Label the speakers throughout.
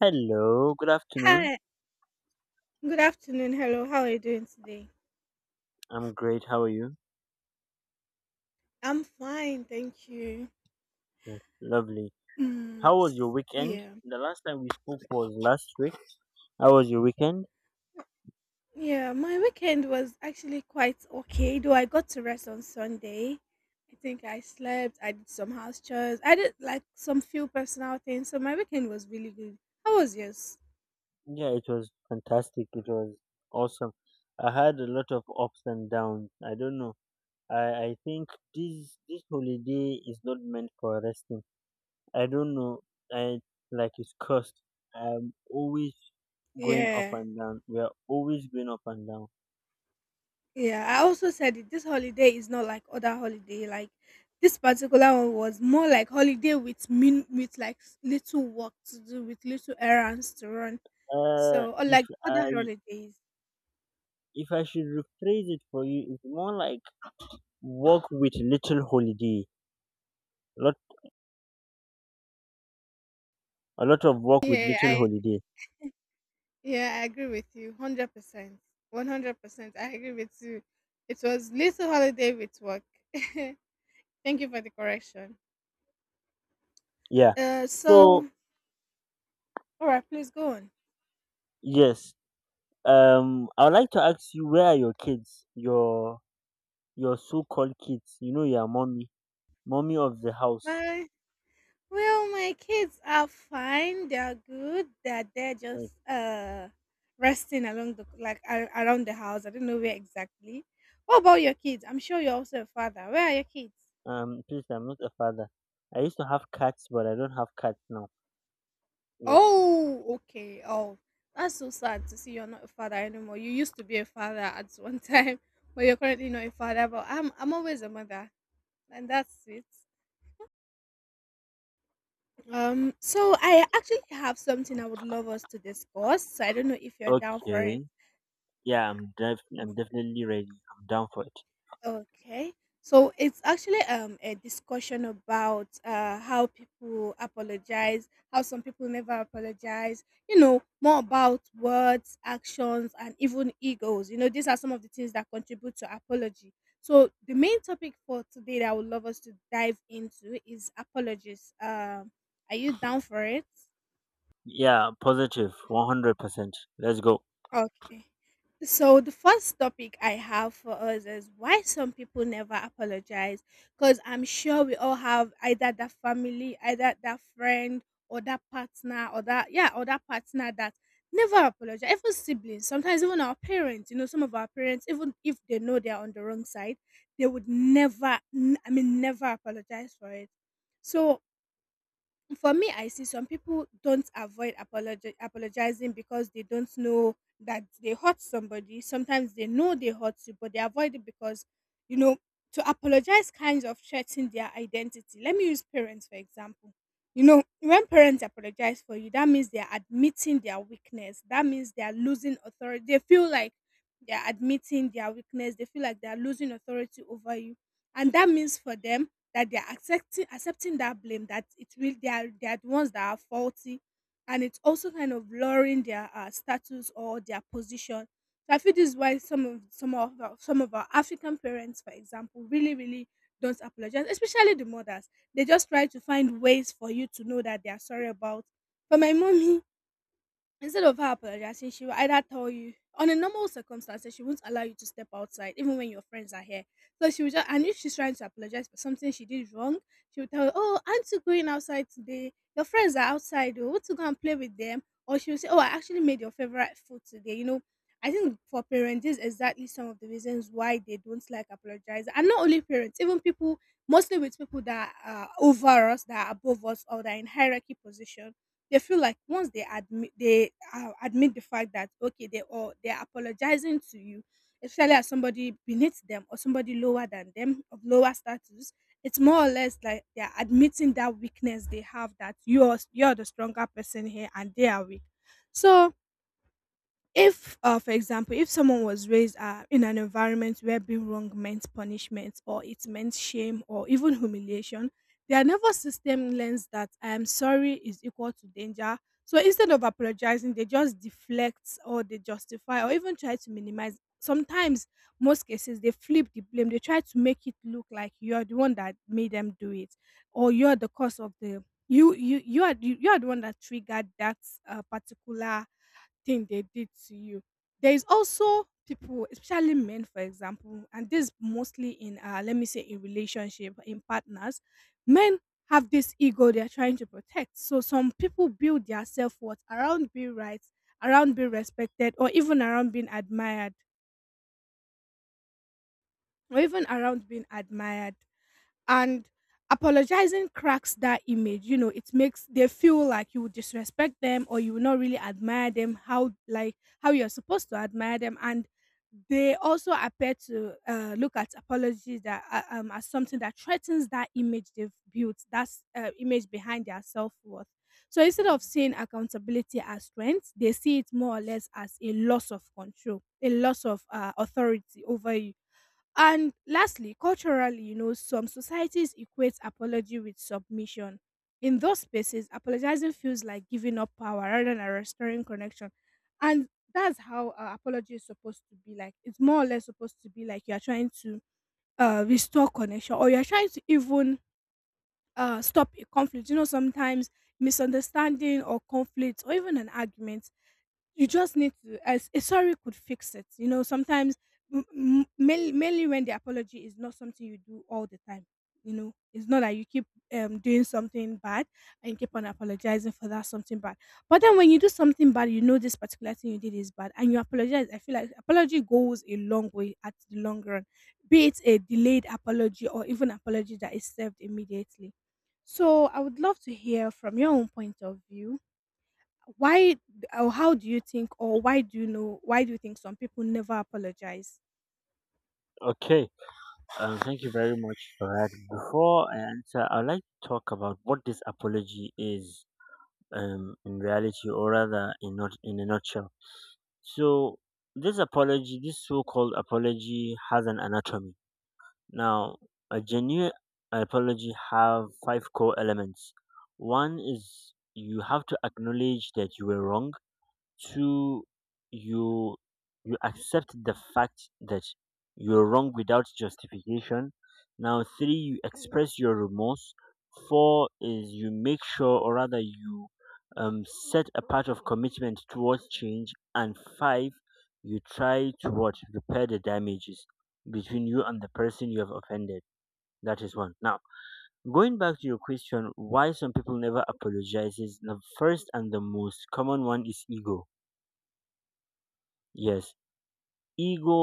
Speaker 1: Hello, good afternoon.
Speaker 2: Hi, good afternoon. Hello, how are you doing today?
Speaker 1: I'm great. How are you?
Speaker 2: I'm fine, thank you.
Speaker 1: Yes. Lovely. How was your weekend?
Speaker 2: Yeah.
Speaker 1: The last time we spoke was last week. How was your weekend?
Speaker 2: Yeah, my weekend was actually quite okay, though I got to rest on Sunday. I think I slept, I did some house chores, I did like some few personal things, so my weekend was really good. How was yours?
Speaker 1: Yeah, it was fantastic. It was awesome. I had a lot of ups and downs. I don't know. I think this holiday is not meant for resting. I don't know. I like it's cursed. I'm always going up
Speaker 2: Yeah.
Speaker 1: and down. We are always going up and down.
Speaker 2: Yeah, I also said it. This holiday is not like other holiday. Like this particular one was more like holiday with min with like s- little work to do, with little errands to run.
Speaker 1: Uh,
Speaker 2: So
Speaker 1: if
Speaker 2: unlike other
Speaker 1: I.
Speaker 2: holidays,
Speaker 1: If I should rephrase it for you, it's more like work with little holiday. A lot, a lot of work with
Speaker 2: Yeah,
Speaker 1: little
Speaker 2: I
Speaker 1: holiday.
Speaker 2: yeah, I agree with you. 100%. 100%. I agree with you. It was little holiday with work. Thank you for the correction.
Speaker 1: Yeah.
Speaker 2: uh,
Speaker 1: So
Speaker 2: so all right, please go on.
Speaker 1: yes, I would like to ask you, where are your kids? Your so-called kids. You know, your mommy, mommy of the house.
Speaker 2: Bye. Well, my kids are fine. They're good. They're
Speaker 1: Like,
Speaker 2: just resting along the like a- around the house. I don't know where exactly. What about your kids? I'm sure you're also a father. Where are your kids?
Speaker 1: please, I'm not a father. I used to have cats, but I don't have cats now. Yes.
Speaker 2: Oh, okay. Oh, that's so sad to see you're not a father anymore. You used to be a father at one time, but you're currently not a father. But I'm always a mother, and that's it. So I actually have something I would love us to discuss. So I don't know if you're down for it.
Speaker 1: Okay. I'm definitely ready. I'm down for it.
Speaker 2: Okay. So it's actually a discussion about how people apologize, how some people never apologize, you know, more about words, actions and even egos. You know, these are some of the things that contribute to apology. So the main topic for today that I would love us to dive into is apologies. Are you down for it?
Speaker 1: Yeah, positive, 100%. Let's go.
Speaker 2: Okay. So the first topic I have for us is why some people never apologize. Because I'm sure we all have either that family, either that friend, or that partner, or that partner that never apologize. Even siblings, sometimes even our parents. You know, some of our parents, even if they know they are on the wrong side, they would never. N- I mean, never apologize for it. So for me, I see some people don't apologizing because they don't know that they hurt somebody. Sometimes they know they hurt you, but they avoid it because, you know, to apologize kinds of threaten their identity. Let me use parents for example. You know, when parents apologize for you, that means they are admitting their weakness, that means they are losing authority. They feel like they are losing authority over you, and that means for them that they're accepting that blame, that it will they are, the ones that are faulty. And it's also kind of lowering their status or their position. So I feel this is why some of our African parents for example really really don't apologize, especially the mothers. They just try to find ways for you to know that they are sorry about. For my mommy, instead of her apologizing, she will either tell you on a normal circumstances, she won't allow you to step outside, even when your friends are here. So she will just, and if she's trying to apologize for something she did wrong, she will tell you, "Oh, aren't you going outside today? Your friends are outside, oh, won't you go and play with them?" Or she will say, "Oh, I actually made your favorite food today." You know, I think for parents, this is exactly some of the reasons why they don't like apologize. And not only parents, even people, mostly with people that are over us, that are above us, or that are in hierarchy position, they feel like once they admit the fact that okay they're apologizing to you, especially as somebody beneath them or somebody lower than them of lower status, it's more or less like they're admitting that weakness they have, that you're the stronger person here and they are weak. So if for example, if someone was raised in an environment where being wrong meant punishment or it meant shame or even humiliation, their nervous system learns that "I am sorry" is equal to danger. So instead of apologizing, they just deflect or they justify or even try to minimize. Sometimes, most cases, they flip the blame. They try to make it look like you're the one that made them do it, or you're the cause of the you are the one that triggered that particular thing they did to you. There is also people, especially men, for example, and this mostly in, let me say, in relationship, in partners, men have this ego they're trying to protect. So some people build their self worth around being right, around being respected, or even around being admired. And apologizing cracks that image. You know, it makes they feel like you would disrespect them or you will not really admire them, how you're supposed to admire them. And they also appear to look at apologies that as something that threatens that image they've built, that's image behind their self-worth. So instead of seeing accountability as strength, they see it more or less as a loss of control, a loss of authority over you. And lastly, culturally, you know, some societies equate apology with submission. In those spaces, apologizing feels like giving up power rather than restoring connection. And that's how apology is supposed to be like. It's more or less supposed to be like you're trying to restore connection, or you're trying to even stop a conflict. You know, sometimes misunderstanding or conflict or even an argument, you just need to, as a sorry could fix it, you know. Sometimes mainly when the apology is not something you do all the time, you know, it's not that you keep doing something bad and you keep on apologizing for that something bad. But then when you do something bad, you know this particular thing you did is bad, and you apologize, I feel like apology goes a long way at the long run, be it a delayed apology or even apology that is served immediately. So I would love to hear from your own point of view, why or how do you think or why do you know why do you think some people never apologize?
Speaker 1: Okay. Thank you very much for that. Before I answer, I'd like to talk about what this apology is in reality, or rather, in not in a nutshell. So, this apology, this so-called apology, has an anatomy. Now, a genuine apology have five core elements. One is you have to acknowledge that you were wrong. Two, you you accept the fact that you're wrong without justification. Now three, you express your remorse. Four is you make sure, or rather you, um, set a path of commitment towards change. And five, you try to what, repair the damages between you and the person you have offended. That is one. Now, going back to your question, why some people never apologizes, the first and the most common one is ego. Yes, ego.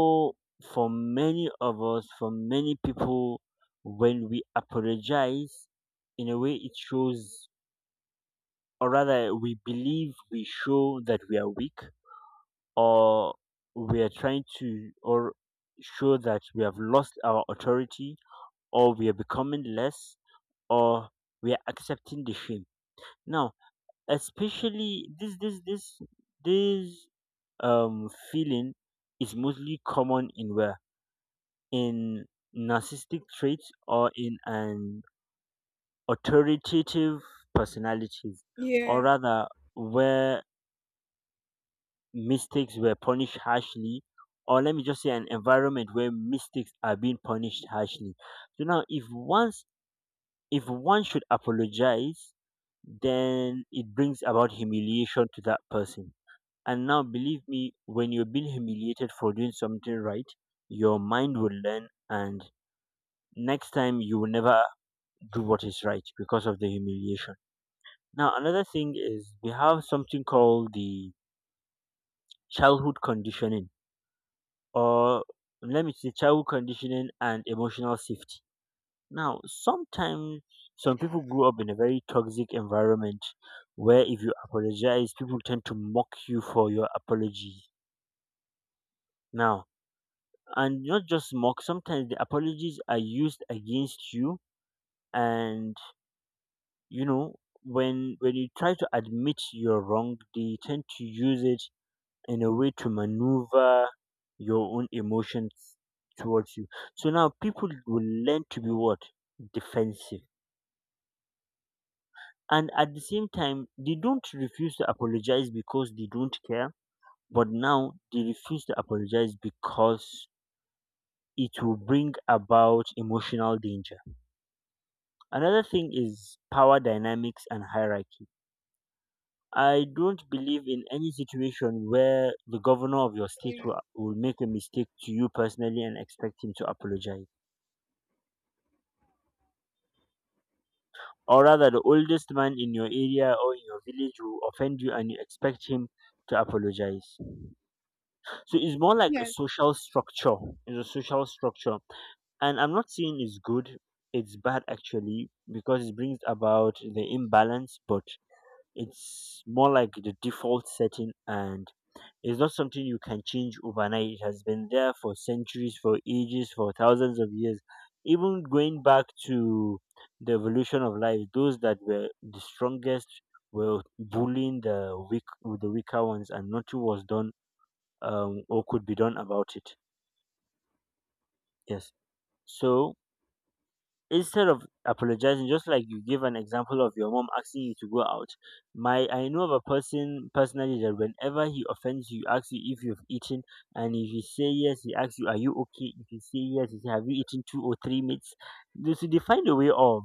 Speaker 1: For many of us, for many people, when we apologize, in a way it shows, or rather, we believe we show that we are weak, or we are trying to, or show that we have lost our authority, or we are becoming less, or we are accepting the shame. Now, especially this, this, this, this feeling is mostly common in where, in narcissistic traits or in an authoritative personalities, or
Speaker 2: Yeah.
Speaker 1: rather where mistakes were punished harshly, or let me just say an environment where mistakes are being punished harshly. So now if once, if one should apologize, then it brings about humiliation to that person. And now believe me, when you're being humiliated for doing something right, your mind will learn, and next time you will never do what is right because of the humiliation. Now, another thing is we have something called the childhood conditioning, or let me say childhood conditioning and emotional safety. Now, sometimes some people grew up in a very toxic environment where if you apologize, people tend to mock you for your apology. Now, and not just mock, sometimes the apologies are used against you. And you know, when you try to admit you're wrong, they tend to use it in a way to maneuver your own emotions towards you. So now people will learn to be what, defensive, and at the same time they don't refuse to apologize because they don't care, but now they refuse to apologize because it will bring about emotional danger. Another thing is power dynamics and hierarchy. I don't believe in any situation where the governor of your state
Speaker 2: Yeah.
Speaker 1: will make a mistake to you personally and expect him to apologize. Or rather, the oldest man in your area or in your village will offend you and you expect him to apologize. So it's more like a
Speaker 2: Yes.
Speaker 1: social structure. It's a social structure. And I'm not saying it's good, it's bad actually, because it brings about the imbalance. But it's more like the default setting, and it's not something you can change overnight. It has been there for centuries, for ages, for thousands of years. Even going back to the evolution of life, those that were the strongest were bullying the weak, the weaker ones, and nothing was done or could be done about it. Yes. So instead of apologizing, just like you give an example of your mom asking you to go out, my I know of a person personally that whenever he offends you, he asks you if you've eaten, and if you say yes, he asks you, "Are you okay?" If you say yes, he say, "Have you eaten two or three meats?" They find a way of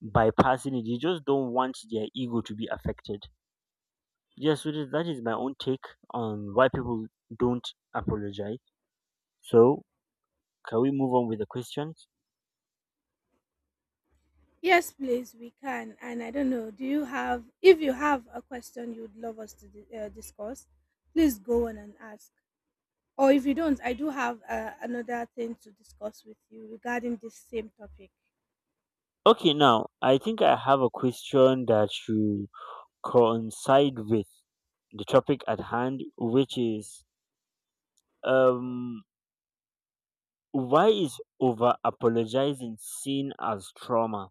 Speaker 1: bypassing it. They just don't want their ego to be affected. Yes, so that that is my own take on why people don't apologize. So, can we move on with the questions?
Speaker 2: Yes, please, we can. And I don't know, do you have if you have a question you'd love us to discuss, please go on and ask. Or if you don't, I do have another thing to discuss with you regarding this same topic.
Speaker 1: Okay, now I think I have a question that should coincide with the topic at hand, which is um, why is over apologizing seen as trauma?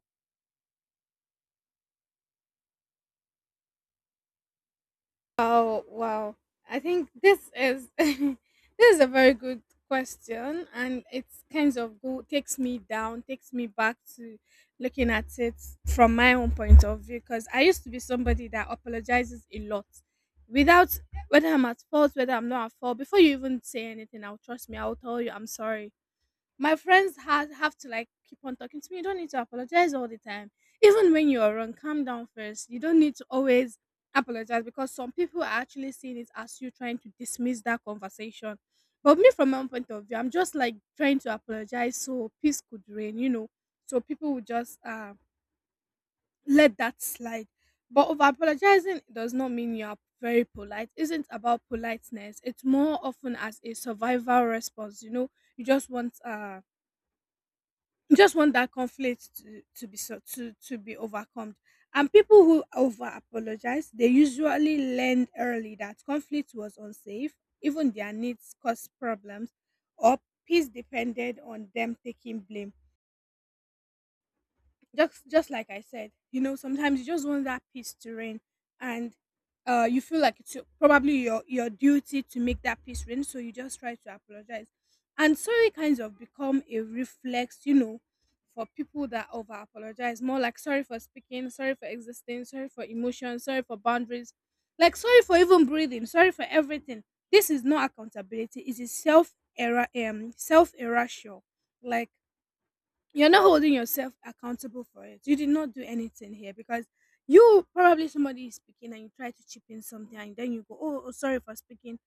Speaker 2: Oh wow! I think this is this is a very good question, and it's kind of go takes me down, takes me back to looking at it from my own point of view. Because I used to be somebody that apologizes a lot, without, whether I'm at fault, whether I'm not at fault. Before you even say anything, I'll trust me, I'll tell you I'm sorry. My friends have to like keep on talking to me. You don't need to apologize all the time. Even when you're wrong, calm down first. You don't need to always apologize because some people are actually seeing it as you trying to dismiss that conversation. But me, from my own point of view, I'm just like trying to apologize so peace could reign, you know, so people would just let that slide. But over apologizing does not mean you are very polite. Isn't about politeness. It's more often as a survival response. You know, you just want that conflict to be, to be overcome. And people who over apologize, they usually learned early that conflict was unsafe, even their needs caused problems, or peace depended on them taking blame. Just like I said, you know, sometimes you just want that peace to reign, and you feel like it's probably your duty to make that peace reign, so you just try to apologize, and sorry kinds of become a reflex, you know, for people that over apologize, more like sorry for speaking, sorry for existing, sorry for emotion, sorry for boundaries, like sorry for even breathing, sorry for everything. This is not accountability; it is self erasure, like you're not holding yourself accountable for it. You did not do anything here because you probably somebody is speaking and you try to chip in something and then you go, oh, sorry for speaking,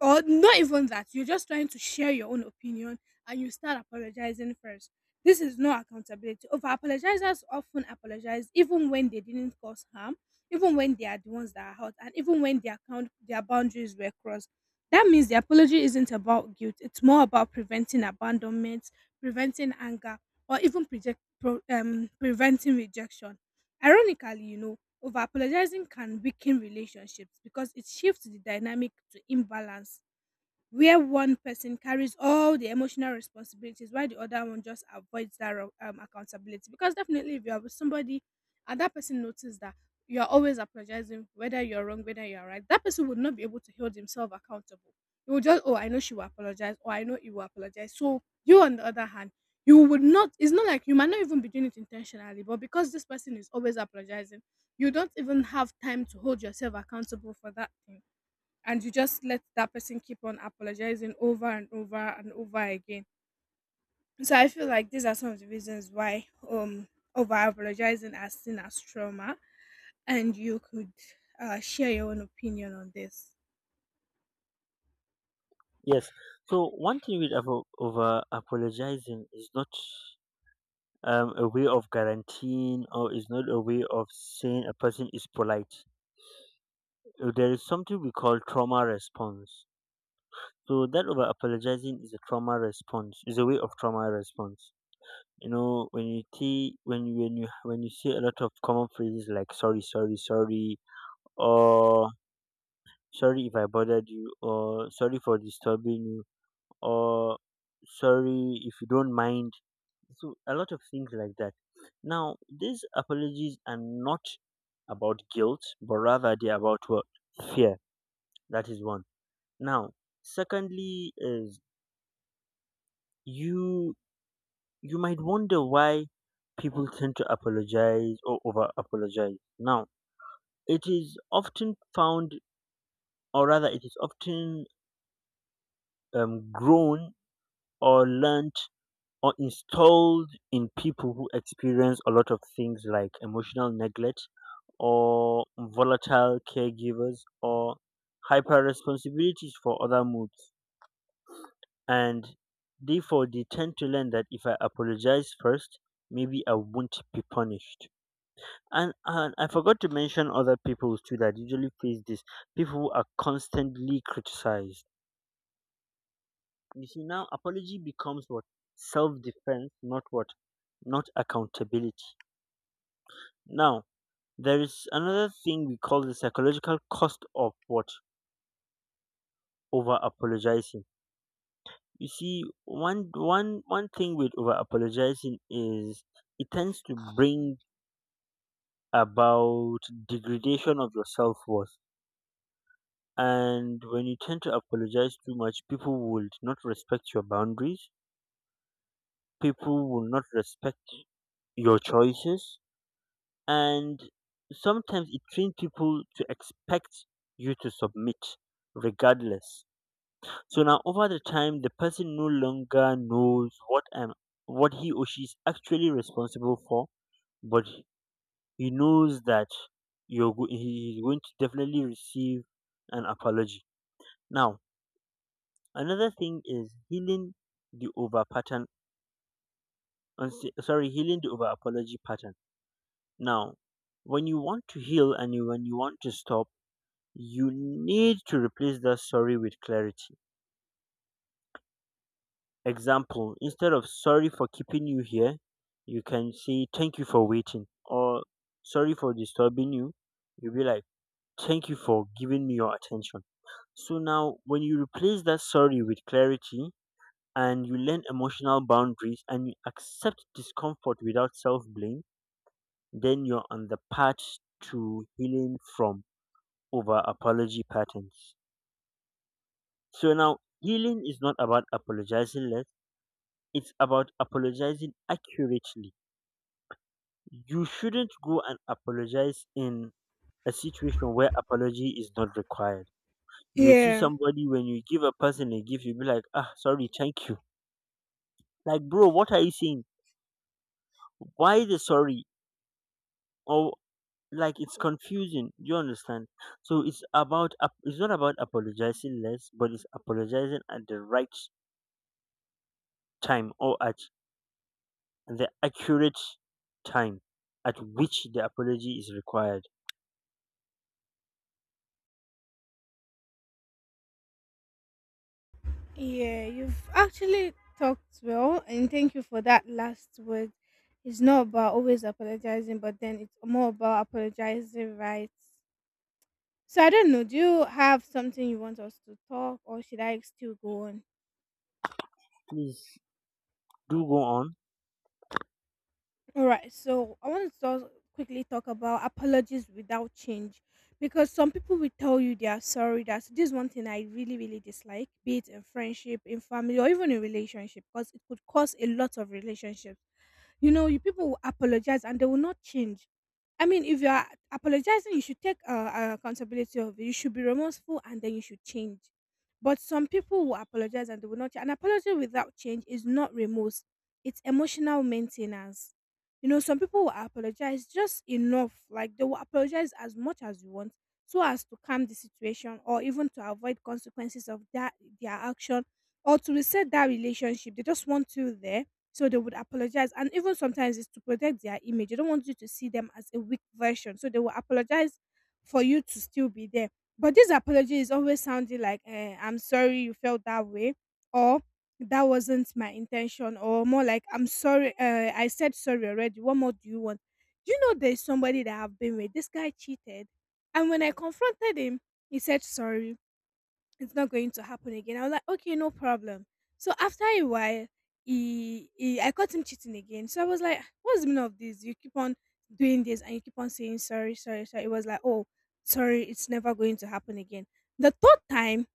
Speaker 2: or not even that, you're just trying to share your own opinion and you start apologizing first. This is not accountability. Over apologizers often apologize even when they didn't cause harm, even when they are the ones that are hurt, and even when their account their boundaries were crossed. That means the apology isn't about guilt, it's more about preventing abandonment, preventing anger, or even preventing rejection, ironically, over apologizing can weaken relationships because it shifts the dynamic to imbalance, where one person carries all the emotional responsibilities while the other one just avoids accountability. Because definitely if you are with somebody and that person notices that you are always apologizing, whether you're wrong, whether you're right, that person would not be able to hold himself accountable. He will just, oh, I know she will apologize, or I know he will apologize. So you on the other hand, you would not, it's not like you might not even be doing it intentionally, but because this person is always apologizing, you don't even have time to hold yourself accountable for that thing, and you just let that person keep on apologizing over and over and over again. So I feel like these are some of the reasons why over apologizing as seen as trauma, and you could share your own opinion on this.
Speaker 1: Yes. So one thing with over apologizing is not a way of guaranteeing, or is not a way of saying a person is polite. There is something we call trauma response. So that over apologizing is a trauma response, is a way of trauma response. You know, when you see when you see a lot of common phrases like sorry, sorry, sorry, or sorry if I bothered you, or sorry for disturbing you, or sorry if you don't mind. So a lot of things like that. Now these apologies are not about guilt, but rather they're about what? Fear. That is one. Now, secondly is you you might wonder why people tend to apologize or over apologize. Now, it is often found, or rather, it is often grown or learnt or installed in people who experience a lot of things like emotional neglect or volatile caregivers or hyper responsibilities for other moods. And therefore, they tend to learn that if I apologize first, maybe I won't be punished. And I forgot to mention other people too that usually face this, people who are constantly criticized. You see, now apology becomes what, self-defense, not what, not accountability. Now, there is another thing we call the psychological cost of what, over apologizing. You see, one thing with over apologizing is it tends to bring about degradation of your self-worth. And when you tend to apologize too much, people will not respect your boundaries. People will not respect your choices. And sometimes it trains people to expect you to submit regardless. So now over the time, the person no longer knows what he or she is actually responsible for, but he knows that he is going to definitely receive an apology. Now, another thing is healing the over pattern, sorry, healing the over apology pattern. Now, when you want to heal, when you want to stop, you need to replace that sorry with clarity. Example, instead of sorry for keeping you here, you can say thank you for waiting. Or sorry for disturbing you, you'll be like, thank you for giving me your attention. So now, when you replace that sorry with clarity, and you learn emotional boundaries and you accept discomfort without self blame, then you're on the path to healing from over apology patterns. So now, healing is not about apologizing less, it's about apologizing accurately. You shouldn't go and apologize in a situation where apology is not required. You see
Speaker 2: Yeah,
Speaker 1: somebody, when you give a person a gift, you be like, ah, sorry, thank you. Like, bro, what are you saying? Why the sorry? Or like it's confusing, you understand. So it's about it's not about apologizing less, but it's apologizing at the right time, or at the accurate time at which the apology is required.
Speaker 2: yeah, you've actually talked well, and thank you for that last word. It's not about always apologizing, but then it's more about apologizing right. So I don't know. Do you have something you want us to talk, or should I still go on?
Speaker 1: Please do go on.
Speaker 2: All right, so I want to talk, quickly talk about apologies without change, because some people will tell you they are sorry. That's This is one thing I really, really dislike, be it in friendship, in family, or even in relationship, because it could cause a lot of relationships. You know, you people will apologize and they will not change. I mean, if you are apologizing, you should take accountability of it. You should be remorseful and then you should change. But some people will apologize and they will not. Change. An apology without change is not remorse, it's emotional maintenance. You know, some people will apologize just enough, like they will apologize as much as you want, so as to calm the situation or even to avoid consequences of that their action, or to reset that relationship. They just want you there, so they would apologize. And even sometimes it's to protect their image. They don't want you to see them as a weak version. So they will apologize for you to still be there. But this apology is always sounding like, eh, I'm sorry you felt that way, or that wasn't my intention, or more like, I'm sorry, I said sorry already. What more do you want? Do you know there's somebody that I've been with? This guy cheated. And when I confronted him, he said sorry, it's not going to happen again. I was like, okay, no problem. So after a while, he I caught him cheating again. So I was like, what's the meaning of this? You keep on doing this and you keep on saying sorry, sorry, sorry. It was like, oh, sorry, it's never going to happen again. The third time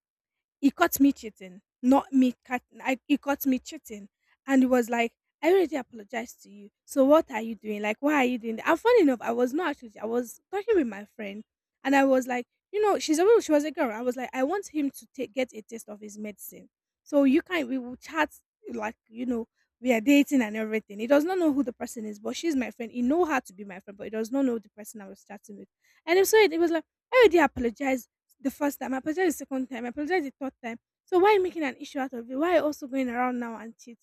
Speaker 2: he caught me cheating, not me. He caught me cheating, and he was like, "I already apologized to you. So what are you doing? Like, why are you doing that?" And funny enough, I was not actually. I was talking with my friend, and I was like, you know, she was a girl. I was like, I want him to take get a taste of his medicine. So you can we will chat, like, you know, we are dating and everything. He does not know who the person is, but she's my friend. He know her to be my friend, but he does not know the person I was chatting with. And so it was like, I already apologized the first time. I apologized the second time. I apologized the third time. So why making an issue out of it? Why also going around now and cheat?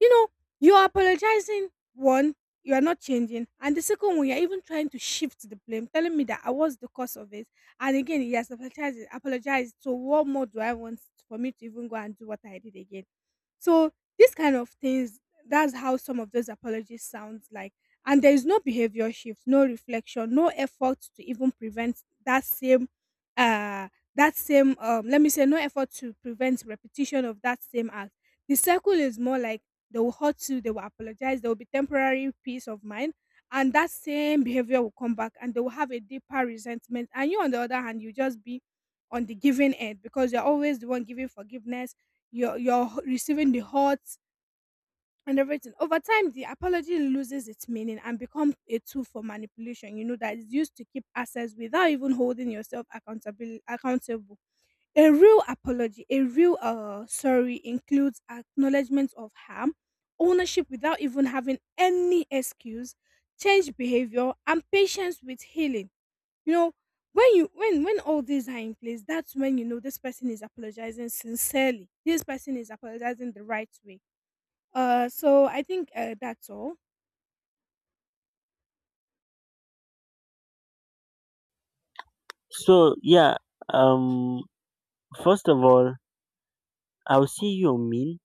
Speaker 2: You know, you are apologizing, one, you are not changing, and the second one, you're even trying to shift the blame, telling me that I was the cause of it. And again, yes, apologized. Apologized. So what more do I want for me to even go and do what I did again? So these kind of things, that's how some of those apologies sounds like. And there is no behavior shift, no reflection, no effort to even prevent that same uh let me say no effort to prevent repetition of that same act. The circle is more like they will hurt you, they will apologize, there will be temporary peace of mind, and that same behavior will come back and they will have a deeper resentment. And you on the other hand, you just be on the giving end because you're always the one giving forgiveness, you're receiving the hurt and everything. Over time, the apology loses its meaning and becomes a tool for manipulation. You know that is used to keep assets without even holding yourself accountable. Accountable. A real apology, a real sorry, includes acknowledgement of harm, ownership without even having any excuse, change behavior, and patience with healing. You know, when you when all these are in place, that's when you know this person is apologizing sincerely, this person is apologizing the right way. So I think, that's all.
Speaker 1: So yeah, um first of all, I'll see you mean,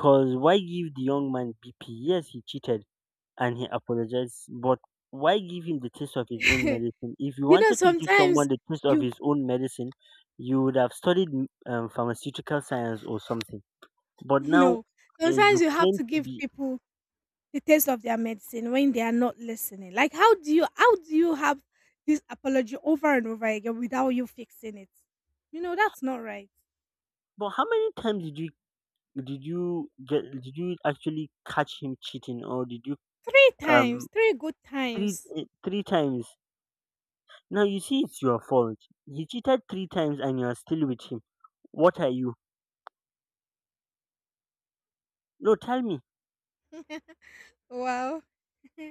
Speaker 1: cause why give the young man bp? Yes, he cheated and he apologized. But why give him the taste of his own
Speaker 2: You
Speaker 1: medicine? If you
Speaker 2: know,
Speaker 1: wanted to give
Speaker 2: sometimes
Speaker 1: someone the taste of
Speaker 2: you
Speaker 1: his own medicine, you would have studied pharmaceutical science or something. But now
Speaker 2: no, sometimes
Speaker 1: you
Speaker 2: you have
Speaker 1: claim
Speaker 2: to
Speaker 1: to
Speaker 2: give
Speaker 1: be.
Speaker 2: people the taste of their medicine when they are not listening. Like, how do you have this apology over and over again without you fixing it? You know, that's not right.
Speaker 1: But how many times did you, did you get did you actually catch him cheating, or did you
Speaker 2: Three times,
Speaker 1: um
Speaker 2: three good
Speaker 1: three
Speaker 2: times.
Speaker 1: three times? Now you see it's your fault. He cheated three times and you are still with him. What are you? No, tell me.
Speaker 2: Wow.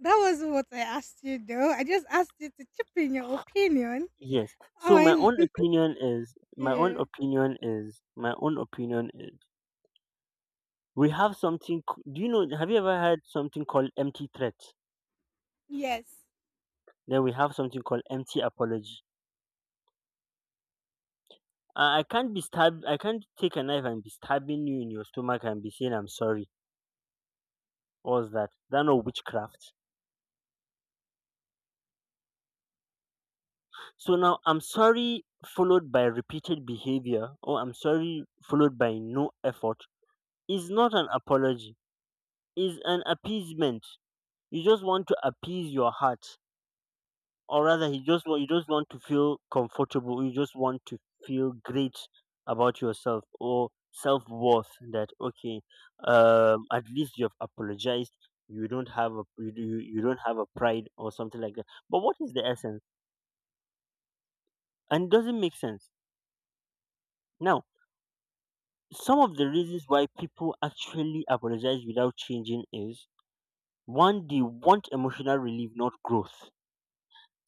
Speaker 2: That was what I asked you though. I just asked you to chip in your opinion
Speaker 1: Yes. So my
Speaker 2: on
Speaker 1: own opinion is
Speaker 2: yeah.
Speaker 1: my own opinion is we have something. Do you know? Have you ever heard something called empty threat?
Speaker 2: Yes.
Speaker 1: Then we have something called empty apology. I can't be stab. I can't take a knife and be stabbing you in your stomach and be saying I'm sorry. What's that? That no witchcraft. So now I'm sorry followed by repeated behavior, or I'm sorry followed by no effort, is not an apology. Is an appeasement. You just want to appease your heart, or rather you just want to feel comfortable, you just want to feel great about yourself or self-worth. That okay, at least you have apologized, you don't have a you don't have a pride or something like that. But what is the essence? And it doesn't make sense. Now, some of the reasons why people actually apologize without changing is: one, they want emotional relief, not growth.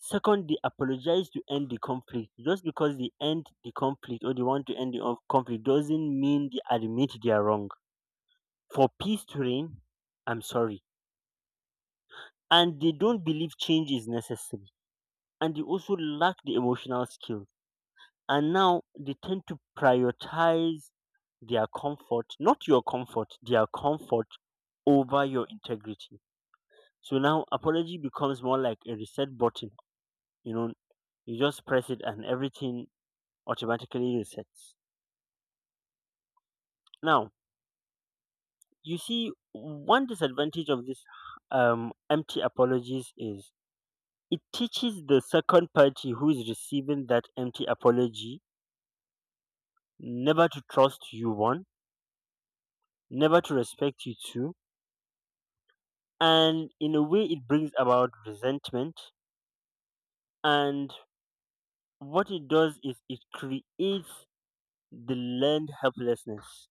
Speaker 1: Second, they apologize to end the conflict. Just because they end the conflict or they want to end the conflict doesn't mean they admit they are wrong. For peace to reign, I'm sorry. And they don't believe change is necessary. And they also lack the emotional skills. And now they tend to prioritize their comfort, not your comfort, their comfort over your integrity. So now apology becomes more like a reset button. You know, you just press it and everything automatically resets. Now, you see, one disadvantage of this empty apologies is it teaches the second party who is receiving that empty apology never to trust you, one, never to respect you, two, and in a way, it brings about resentment. And what it does is it creates the learned helplessness.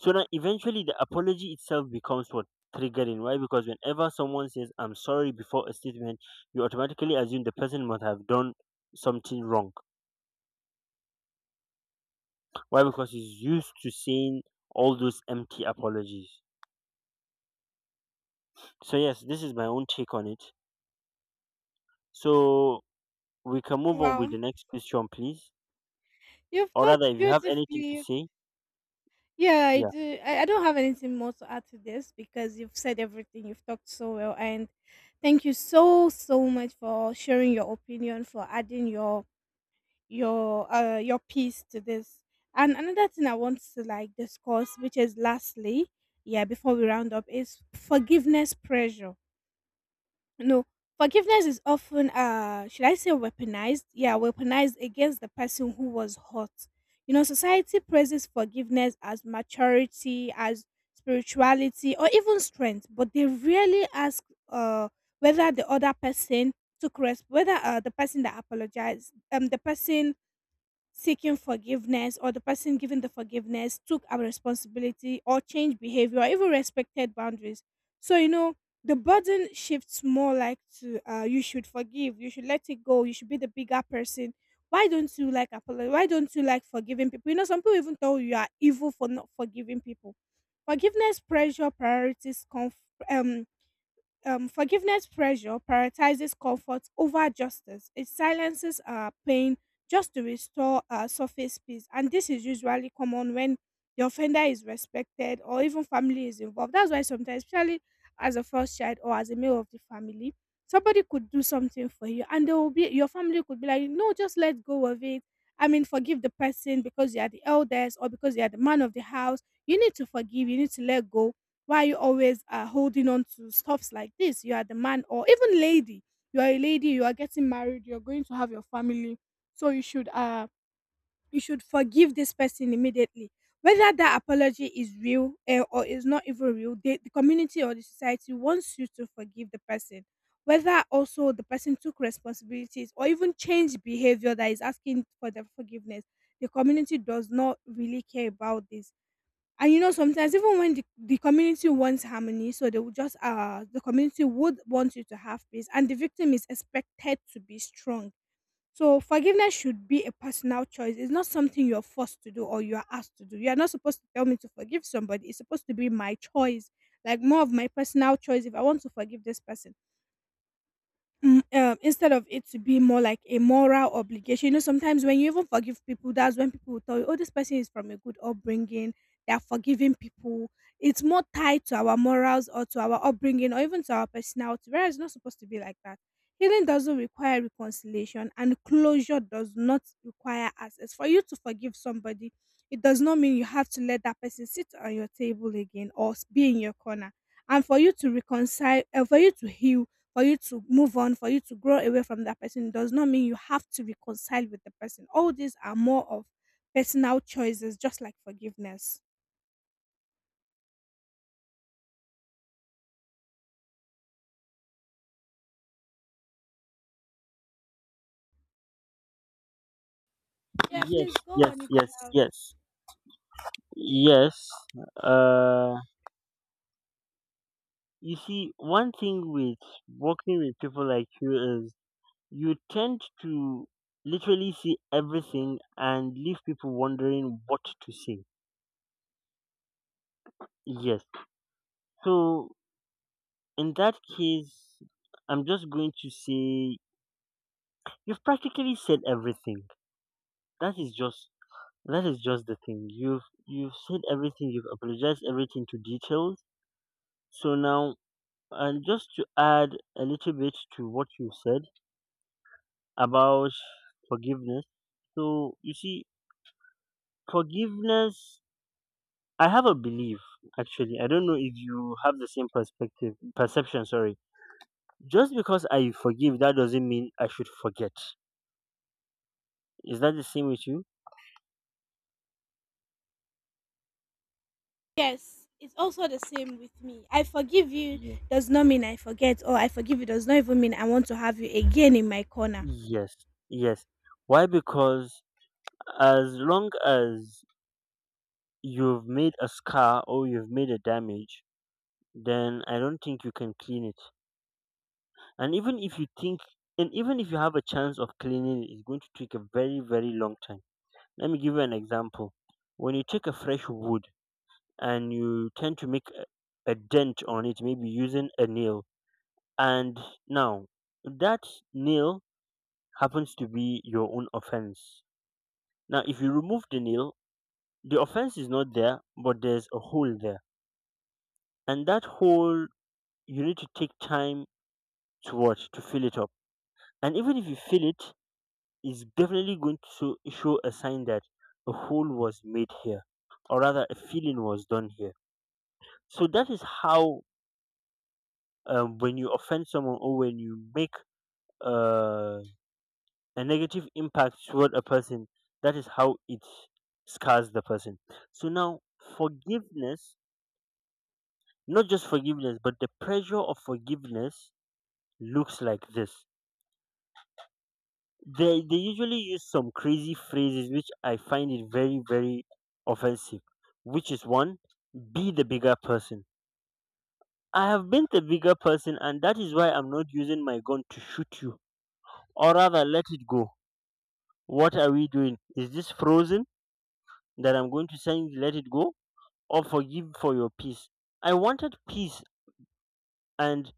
Speaker 1: So now eventually the apology itself becomes what? Triggering. Why? Because whenever someone says I'm sorry before a statement, you automatically assume the person must have done something wrong. Why? Because he's used to saying all those empty apologies. So yes, this is my own take on it. So we can move on with
Speaker 2: Wow.
Speaker 1: the next question, please.
Speaker 2: You've
Speaker 1: Or rather,
Speaker 2: talked
Speaker 1: if you have anything to
Speaker 2: beautifully.
Speaker 1: say,
Speaker 2: Yeah, I
Speaker 1: yeah.
Speaker 2: do. I don't have anything more to add to this because you've said everything. You've talked so well. And thank you so, so much for sharing your opinion, for adding your your piece to this. And another thing I want to like discuss, which is lastly, yeah, before we round up, is forgiveness pressure. No, forgiveness is often, should I say, weaponized? Yeah, weaponized against the person who was hurt. You know, society praises forgiveness as maturity, as spirituality, or even strength, but they rarely ask uh, whether the other person whether the person that apologized, the person seeking forgiveness or the person giving the forgiveness took our responsibility or changed behavior or even respected boundaries. So, you know, the burden shifts more like to, you should forgive, you should let it go, you should be the bigger person. Why don't you like apologize? Why don't you like forgiving people? You know, some people even tell you you are evil for not forgiving people. Forgiveness pressure priorities conf- um Forgiveness pressure prioritizes comfort over justice. It silences our pain just to restore our surface peace. And this is usually common when the offender is respected or even family is involved. That's why sometimes, especially as a first child or as a male of the family, somebody could do something for you and they will be, your family could be like, no, just let go of it. I mean, forgive the person because you are the eldest or because you are the man of the house. You need to forgive, you need to let go. Why are you always holding on to stuffs like this? You are the man, or even lady. You are a lady. You are getting married. You are going to have your family, so you should forgive this person immediately. Whether that apology is real, eh, or is not even real, the community or the society wants you to forgive the person. Whether also the person took responsibilities or even changed behavior that is asking for the forgiveness, the community does not really care about this. And you know sometimes even when the community wants harmony, so they will just, the community would want you to have peace, and the victim is expected to be strong. So forgiveness should be a personal choice. It's not something you're forced to do or you're asked to do. You're not supposed to tell me to forgive somebody. It's supposed to be my choice, like more of my personal choice if I want to forgive this person. Instead of it to be more like a moral obligation. You know, sometimes when you even forgive people, that's when people will tell you, oh, this person is from a good upbringing, they are forgiving people. It's more tied to our morals or to our upbringing or even to our personality, whereas it's not supposed to be like that. Healing doesn't require reconciliation, and closure does not require access. For you to forgive somebody, it does not mean you have to let that person sit on your table again or be in your corner. And for you to reconcile, for you to heal, for you to move on, for you to grow away from that person, does not mean you have to reconcile with the person. All these are more of personal choices, just like forgiveness. Yeah,
Speaker 1: Yes,
Speaker 2: please go
Speaker 1: yes,
Speaker 2: on if you
Speaker 1: yes,
Speaker 2: have.
Speaker 1: yes. Yes. Uh you see, one thing with working with people like you is you tend to literally see everything and leave people wondering what to say. Yes. So in that case, I'm just going to say you've practically said everything. That is just that is just the thing. You've said everything. You've apologized everything to details. So now, and just to add a little bit to what you said about forgiveness. So you see, forgiveness, I have a belief actually. I don't know if you have the same perspective, perception, sorry. Just because I forgive, that doesn't mean I should forget. Is that the same with you?
Speaker 2: Yes, it's also the same with me. I forgive you
Speaker 1: Yes.
Speaker 2: does not mean I forget, or I forgive you does not even mean I want to have you again in my corner.
Speaker 1: Yes. Yes. Why? Because as long as you've made a scar or you've made a damage, then I don't think you can clean it. And even if you think and even if you have a chance of cleaning it, it's going to take a very, very long time. Let me give you an example. When you take a fresh wood and you tend to make a dent on it, maybe using a nail. And now that nail happens to be your own offense. Now, if you remove the nail, the offense is not there, but there's a hole there. And that hole, you need to take time to what? To fill it up. And even if you fill it, it's definitely going to show a sign that a hole was made here, or rather, a feeling was done here. So that is how, when you offend someone or when you make uh, a negative impact toward a person, that is how it scars the person. So now, forgiveness, not just forgiveness, but the pressure of forgiveness looks like this. They usually use some crazy phrases, which I find it very, very offensive, which is: one, be the bigger person. I have been the bigger person, and that is why I'm not using my gun to shoot you, or rather, let it go. What are we doing? Is this frozen? That I'm going to send you, let it go, or forgive for your peace. I wanted peace and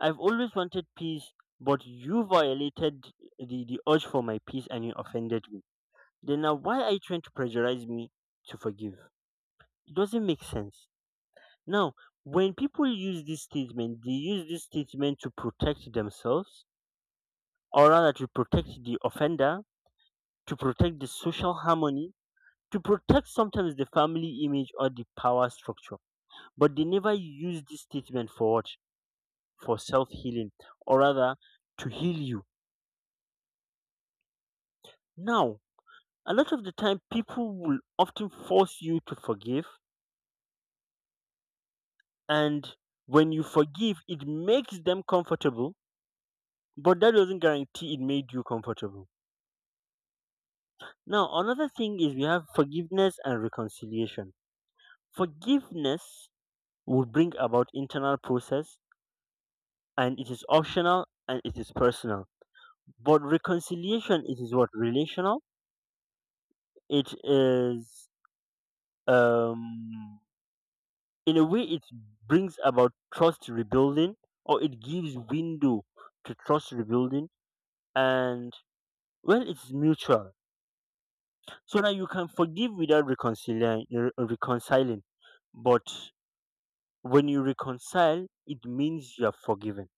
Speaker 1: I've always wanted peace, but you violated the urge for my peace and you offended me. Then now why are you trying to pressurize me to forgive? It doesn't make sense. Now, when people use this statement, they use this statement to protect themselves, or rather to protect the offender, to protect the social harmony, to protect sometimes the family image or the power structure. But they never use this statement for what? For self healing, or rather, to heal you. Now, a lot of the time, people will often force you to forgive, and when you forgive, it makes them comfortable, but that doesn't guarantee it made you comfortable. Now, another thing is we have forgiveness and reconciliation. Forgiveness will bring about internal process, and it is optional and it is personal. But reconciliation, it is what? Relational. It is, um in a way, it brings about trust rebuilding, or it gives window to trust rebuilding. And well, it's mutual, so that you can forgive without reconciling. But when you reconcile, it means you are forgiven.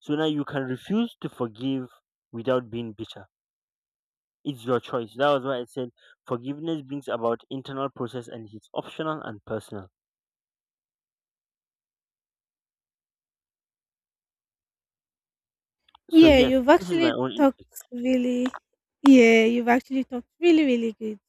Speaker 1: So now you can refuse to forgive without being bitter. It's your choice. That was why I said forgiveness brings about internal process and it's optional and personal. So
Speaker 2: Yeah,
Speaker 1: yes,
Speaker 2: you've
Speaker 1: this is my
Speaker 2: actually
Speaker 1: own
Speaker 2: talked
Speaker 1: intake.
Speaker 2: really, yeah, you've actually talked really, really good.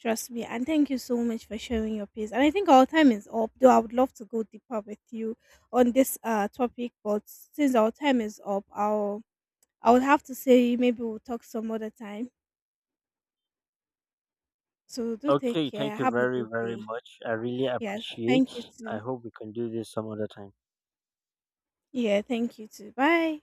Speaker 2: Trust me. And thank you so much for sharing your piece. And I think our time is up, though I would love to go deeper with you on this topic, but since our time is up, I would have to say maybe we'll talk some other time. So do take
Speaker 1: Okay,
Speaker 2: care.
Speaker 1: thank you
Speaker 2: Have a
Speaker 1: very
Speaker 2: good
Speaker 1: very
Speaker 2: day.
Speaker 1: much. I really
Speaker 2: Yes, thank you
Speaker 1: appreciate. I
Speaker 2: too.
Speaker 1: hope we can do this some other time.
Speaker 2: Yeah, thank you too. Bye.